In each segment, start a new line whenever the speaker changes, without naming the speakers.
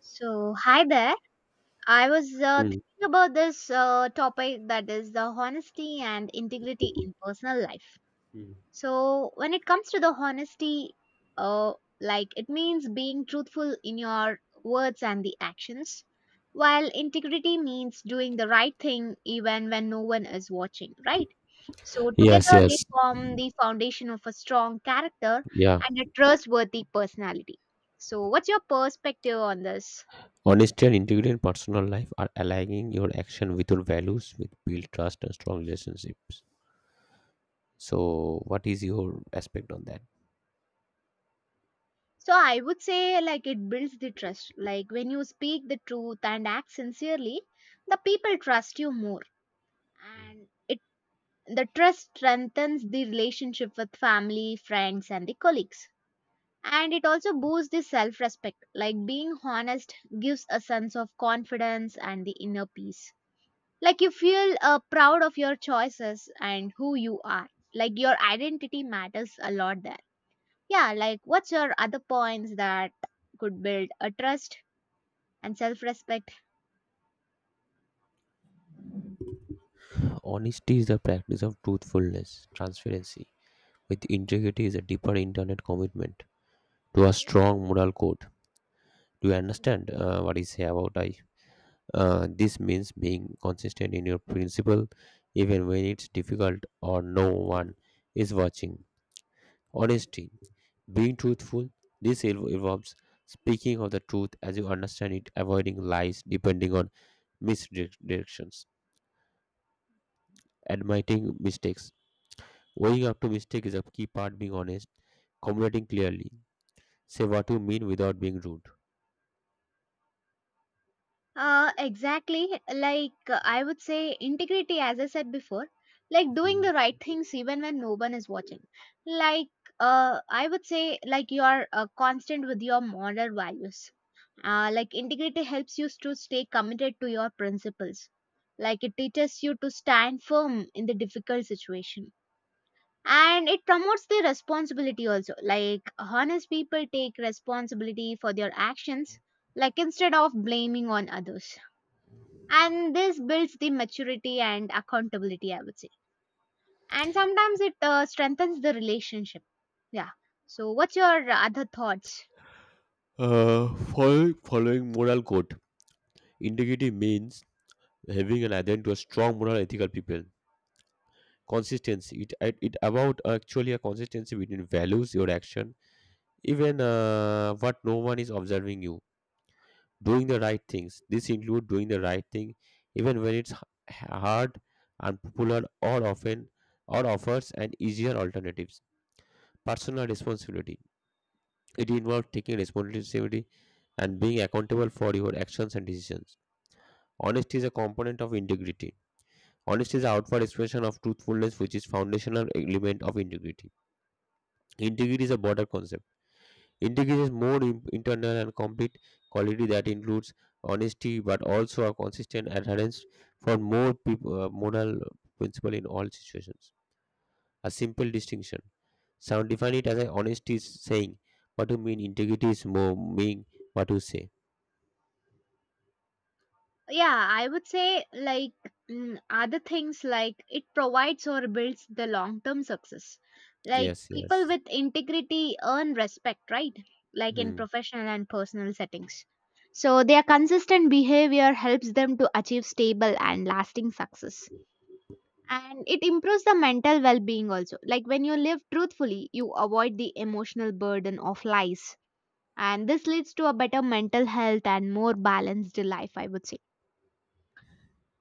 So, hi there. I was
Mm,
thinking about this topic that is the honesty and integrity in personal life.
mm.
So, when it comes to the honesty, uh, like it means being truthful in your words and the actions, while integrity means doing the right thing even when no one is watching, right? So,
Yes,
together they
yes.
form the foundation of a strong character
Yeah.
and a trustworthy personality. So, what's your perspective on this?
Honesty and integrity in personal life are aligning your action with your values, with build trust and strong relationships. So, what is your aspect on that?
So I would say like it builds the trust. Like when you speak the truth and act sincerely, the people trust you more. And it the trust strengthens the relationship with family, friends and the colleagues. And it also boosts the self-respect. Like being honest gives a sense of confidence and the inner peace. Like you feel proud of your choices and who you are. Like your identity matters a lot there, yeah, like what's your other points that could build a trust and self-respect?
Honesty is the practice of truthfulness, transparency. With integrity is a deeper internet commitment to a strong moral code. Do you understand what I say about I? This means being consistent in your principle, even when it's difficult or no one is watching. Honesty. Being truthful, this involves speaking of the truth as you understand it, avoiding lies depending on misdirections, admitting mistakes. Owning up to mistake is a key part being honest, communicating clearly. Say what you mean without being rude.
Exactly. Like I would say integrity, as I said before, like doing
Mhm.
the right things even when no one is watching. Like I would say like you are constant with your moral values. Like integrity helps you to stay committed to your principles. Like it teaches you to stand firm in the difficult situation, and it promotes the responsibility also. Like honest people take responsibility for their actions, like instead of blaming on others, and this builds the maturity and accountability, I would say. And sometimes it strengthens the relationship. Yeah, so what's your other thoughts?
Following moral code. Integrity means having an adherence to a strong moral ethical people. Consistency. It about actually a consistency between values, your action, even what no one is observing you doing the right things. This includes doing the right thing even when it's hard, unpopular, or often or offers an easier alternatives. Personal responsibility. It involves taking responsibility and being accountable for your actions and decisions. Honesty is a component of integrity. Honesty is the outward expression of truthfulness, which is foundational element of integrity. Integrity is a broader concept. Integrity is more internal and complete quality that includes honesty but also a consistent adherence for moral principle in all situations. A simple distinction. Some define it as a honesty is saying what you mean, integrity is more meaning what you say.
Yeah, I would say like, other things like it provides or builds the long term success. Like
Yes,
people
yes.
with integrity earn respect, right? Like in
Hmm.
professional and personal settings. So their consistent behavior helps them to achieve stable and lasting success. And it improves the mental well being also. Like when you live truthfully, you avoid the emotional burden of lies. And this leads to a better mental health and more balanced life, I would say.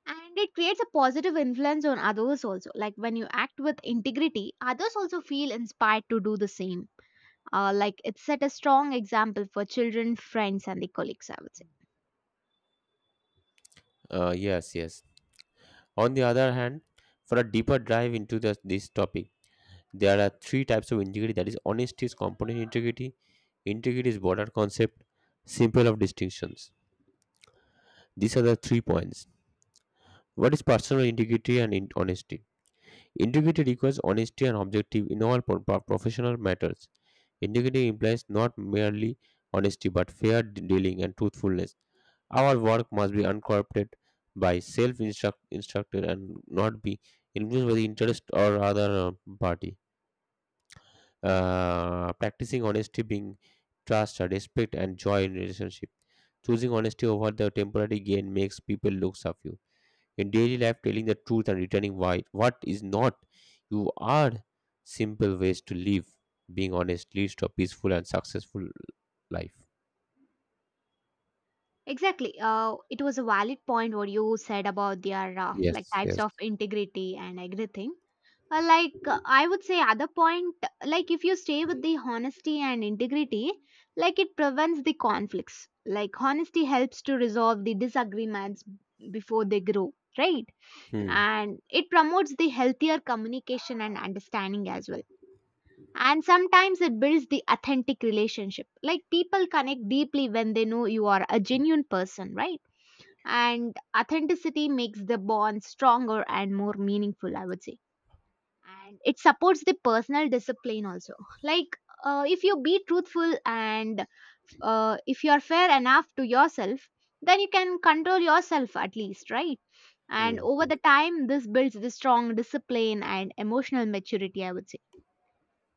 And it creates a positive influence on others also. Like when you act with integrity, others also feel inspired to do the same. Like it set a strong example for children, friends and the colleagues, I would say.
Yes, yes. On the other hand, for a deeper dive into this topic, there are three types of integrity. That is, honesty is component integrity, integrity is broader concept, simple of distinctions. These are the three points. What is personal integrity and honesty? Integrity requires honesty and objective in all professional matters. Integrity implies not merely honesty but fair dealing and truthfulness. Our work must be uncorrupted by self instructed and not be influenced by the interest or other party. Practicing honesty, being trust, respect, and joy in relationship. Choosing honesty over the temporary gain makes people look of you. In daily life, telling the truth and returning why what is not, you are simple ways to live. Being honest leads to a peaceful and successful life.
Exactly, it was a valid point what you said about their like
Yes,
types
yes.
of integrity and everything. I would say other point, like if you stay with the honesty and integrity, like it prevents the conflicts. Like honesty helps to resolve the disagreements before they grow, right?
Hmm.
And it promotes the healthier communication and understanding as well. And sometimes it builds the authentic relationship. Like people connect deeply when they know you are a genuine person, right? And authenticity makes the bond stronger and more meaningful, I would say. And it supports the personal discipline also. Like if you be truthful and if you are fair enough to yourself, then you can control yourself at least, right? And
Hmm,
over
hmm.
the time, this builds the strong discipline and emotional maturity, I would say.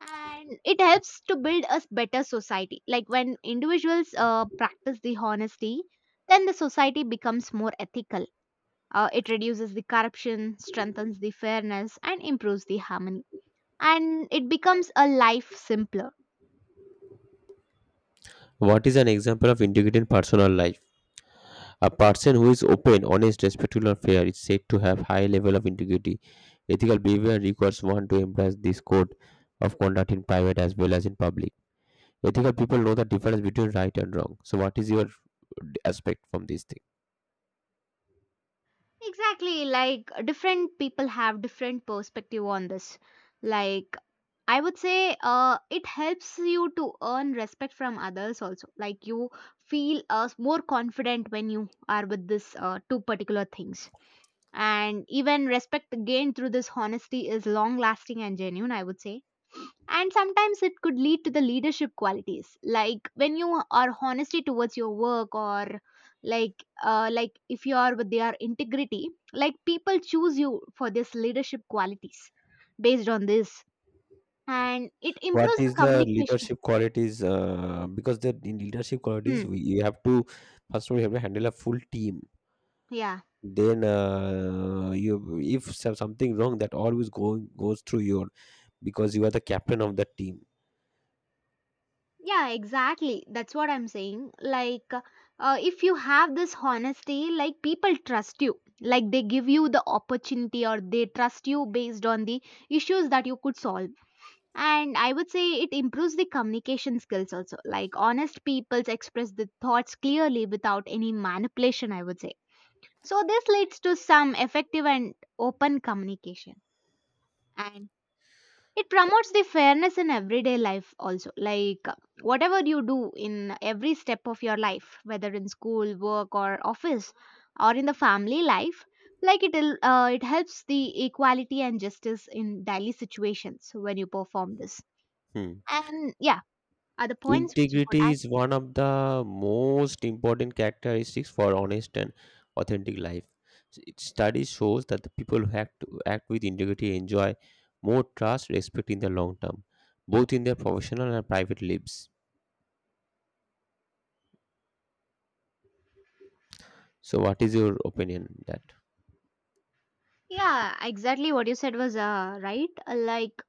And it helps to build a better society. Like when individuals practice the honesty, then the society becomes more ethical. It reduces the corruption, strengthens the fairness, and improves the harmony. And it becomes a life simpler.
What is an example of integrated personal life? A person who is open, honest, respectful, and fair is said to have high level of integrity. Ethical behavior requires one to embrace this code of conduct in private as well as in public. Ethical people know the difference between right and wrong. So, what is your aspect from this thing?
Exactly, like different people have different perspective on this. Like I would say it helps you to earn respect from others also. Like you feel more confident when you are with this two particular things. And even respect gained through this honesty is long lasting and genuine, I would say. And sometimes it could lead to the leadership qualities, like when you are honesty towards your work, or like if you are with their integrity, like people choose you for this leadership qualities based on this. And it
What
improves the
is the
communication.
leadership qualities, because the in leadership qualities
Hmm.
we, you have to first of all you have to handle a full team,
Yeah.
then you if something wrong that always going goes through your, because you are the captain of the team.
Yeah, exactly, that's what I'm saying. Like if you have this honesty, like people trust you, like they give you the opportunity or they trust you based on the issues that you could solve. And I would say it improves the communication skills also. Like honest people express the thoughts clearly without any manipulation, I would say. So this leads to some effective and open communication. And it promotes the fairness in everyday life also. Like whatever you do in every step of your life, whether in school, work or office, or in the family life, like it it helps the equality and justice in daily situations when you perform this.
Hmm.
And yeah, are the points which you could
Integrity
add.
is one of the most important characteristics for honest and authentic life. Study shows that the people who act with integrity enjoy more trust, respect in the long term, both in their professional and private lives. So, what is your opinion on that?
Yeah, exactly, what you said was right. Like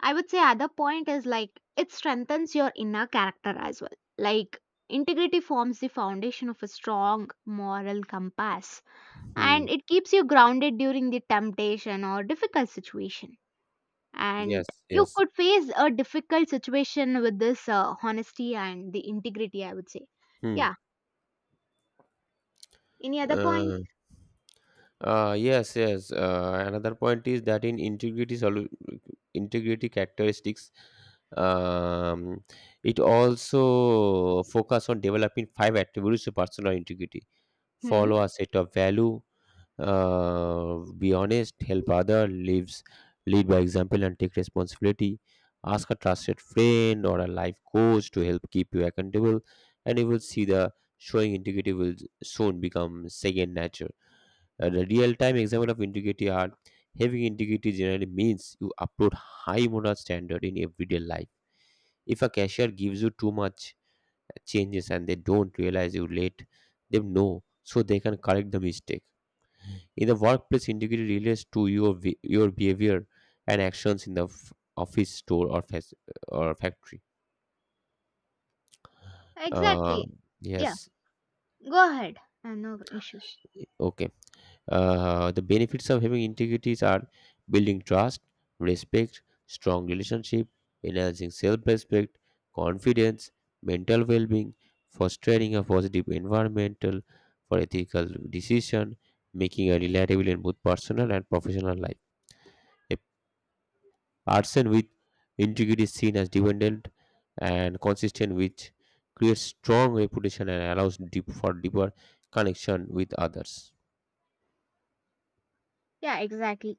I would say other point is like it strengthens your inner character as well. Like integrity forms the foundation of a strong moral compass,
Hmm.
and it keeps you grounded during the temptation or difficult situation. And
Yes.
you
Yes.
could face a difficult situation with this honesty and the integrity, I would say.
Hmm.
Yeah, any other
Uh,
points?
yes, yes. Another point is that in integrity characteristics, um, it also focus on developing five attributes of personal integrity.
Hmm.
Follow a set of value, be honest, help other lives, lead by example and take responsibility. Ask a trusted friend or a life coach to help keep you accountable and you will see the showing integrity will soon become second nature. And a real-time example of integrity are having integrity generally means you uphold high moral standard in everyday life. If a cashier gives you too much changes and they don't realize, you late them know so they can correct the mistake. In the workplace integrity relates to your your behavior and actions in the office, store, or or factory. uh
Exactly. Yeah.
yes.
Go ahead. No issues.
Okay. The benefits of having integrity are building trust, respect, strong relationship, enhancing self-respect, confidence, mental well-being, fostering a positive environmental for ethical decision, making a reliable in both personal and professional life. A person with integrity is seen as dependent and consistent, which creates strong reputation and allows deep for deeper connection with others.
Yeah, exactly.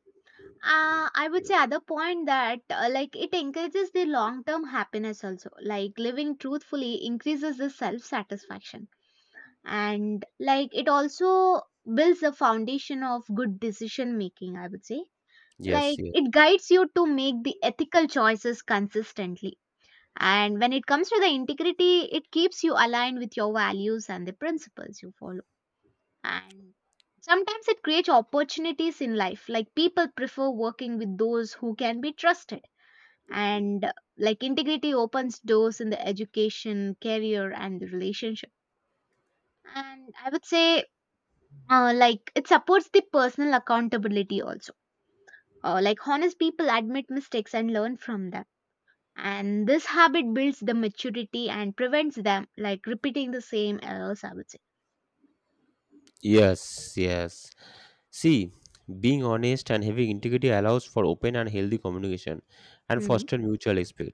I would say other point that like it encourages the long term happiness also. Like living truthfully increases the self satisfaction. And like it also builds the foundation of good decision making, I would say.
Yes,
Like
yes.
it guides you to make the ethical choices consistently. And when it comes to the integrity, it keeps you aligned with your values and the principles you follow. And sometimes it creates opportunities in life. Like people prefer working with those who can be trusted. And like integrity opens doors in the education, career, and the relationship. And I would say, like, it supports the personal accountability also. Like, honest people admit mistakes and learn from them. And this habit builds the maturity and prevents them, like, repeating the same errors, I would say.
Yes, yes. See, being honest and having integrity allows for open and healthy communication and
Hmm.
foster mutual respect.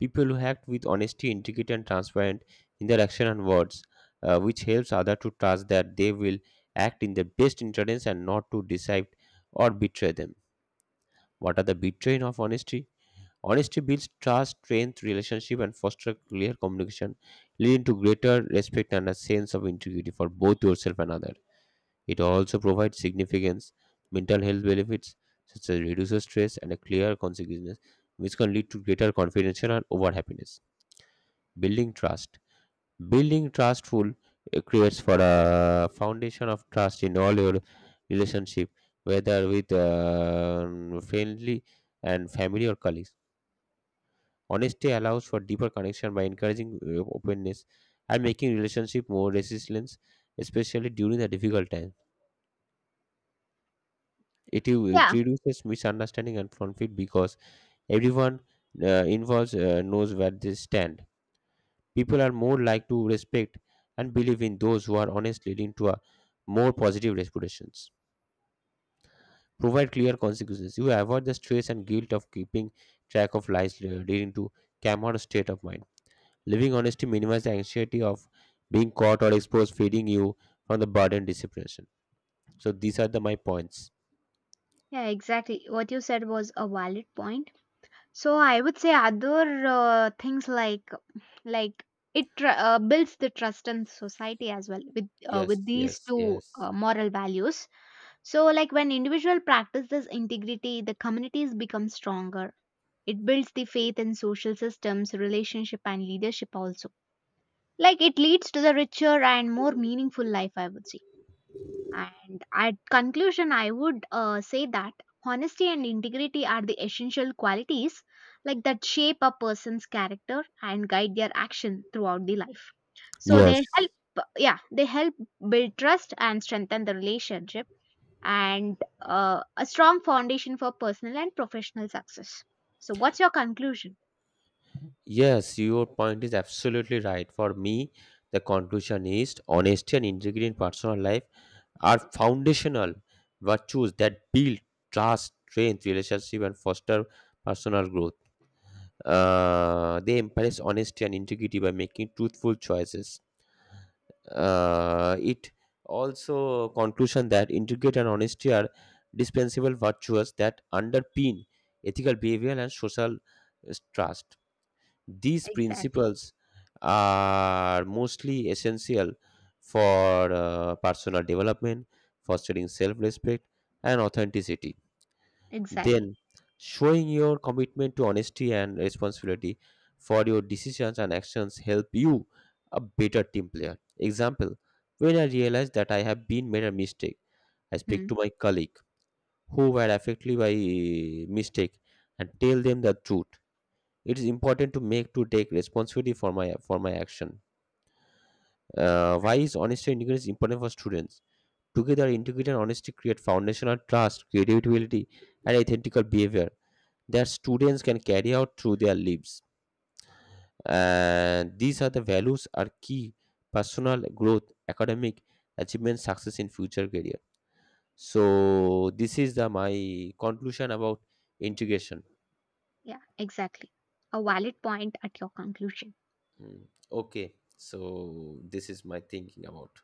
People who act with honesty, integrity, and transparent in their action and words, which helps other to trust that they will act in their best interest and not to deceive or betray them. What are the betraying of honesty? Honesty builds trust, strength, relationship, and foster clear communication, leading to greater respect and a sense of integrity for both yourself and others. It also provides significant mental health benefits such as reduces stress and a clear consequences, which can lead to greater confidence and over happiness. Building trust. Building trustful creates for a foundation of trust in all your relationship, whether with friendly and family or colleagues. Honesty allows for deeper connection by encouraging openness and making relationship more resilient, especially during the difficult times. It
Yeah,
reduces misunderstanding and conflict because everyone involved knows where they stand. People are more like to respect and believe in those who are honest, leading to a more positive reputations. Provide clear consequences. You avoid the stress and guilt of keeping track of lies, leading to calmer state of mind. Living honesty minimizes the anxiety of being caught or exposed, freeing you from the burden disciplination. So these are the my points.
yeah, exactly. What you said was a valid point. So I would say other things like it tr- builds the trust in society as well
Yes,
with these
yes,
two
yes,
moral values. So like when individual practices integrity, the communities become stronger. It builds the faith in social systems, relationship, and leadership also. Like it leads to the richer and more meaningful life, I would say. And at conclusion, I would say that honesty and integrity are the essential qualities like that shape a person's character and guide their action throughout the life. So they
yes.
help, yeah, they help build trust and strengthen the relationship and a strong foundation for personal and professional success. So what's your conclusion?
Yes, your point is absolutely right. For me, the conclusion is honesty and integrity in personal life are foundational virtues that build trust, strength, relationship, and foster personal growth. They embrace honesty and integrity by making truthful choices. It also conclusion that integrity and honesty are dispensable virtues that underpin ethical behavior and social trust. These
Exactly.
principles are mostly essential for personal development, fostering self respect and authenticity.
Exactly.
Then, showing your commitment to honesty and responsibility for your decisions and actions help you a better team player. Example, when I realized that I have been made a mistake, I speak
Hmm.
to my colleague who were affected by mistake and tell them the truth. It is important to make to take responsibility for my action. Why is honesty and integrity is important for students? Together integrity and honesty create foundational trust, creativity, and ethical behavior that students can carry out through their lives, and these are the values are key personal growth, academic achievement, success in future career. So this is the my conclusion about integration.
Yeah, exactly. A valid point at your conclusion.
Mm, okay, so this is my thinking about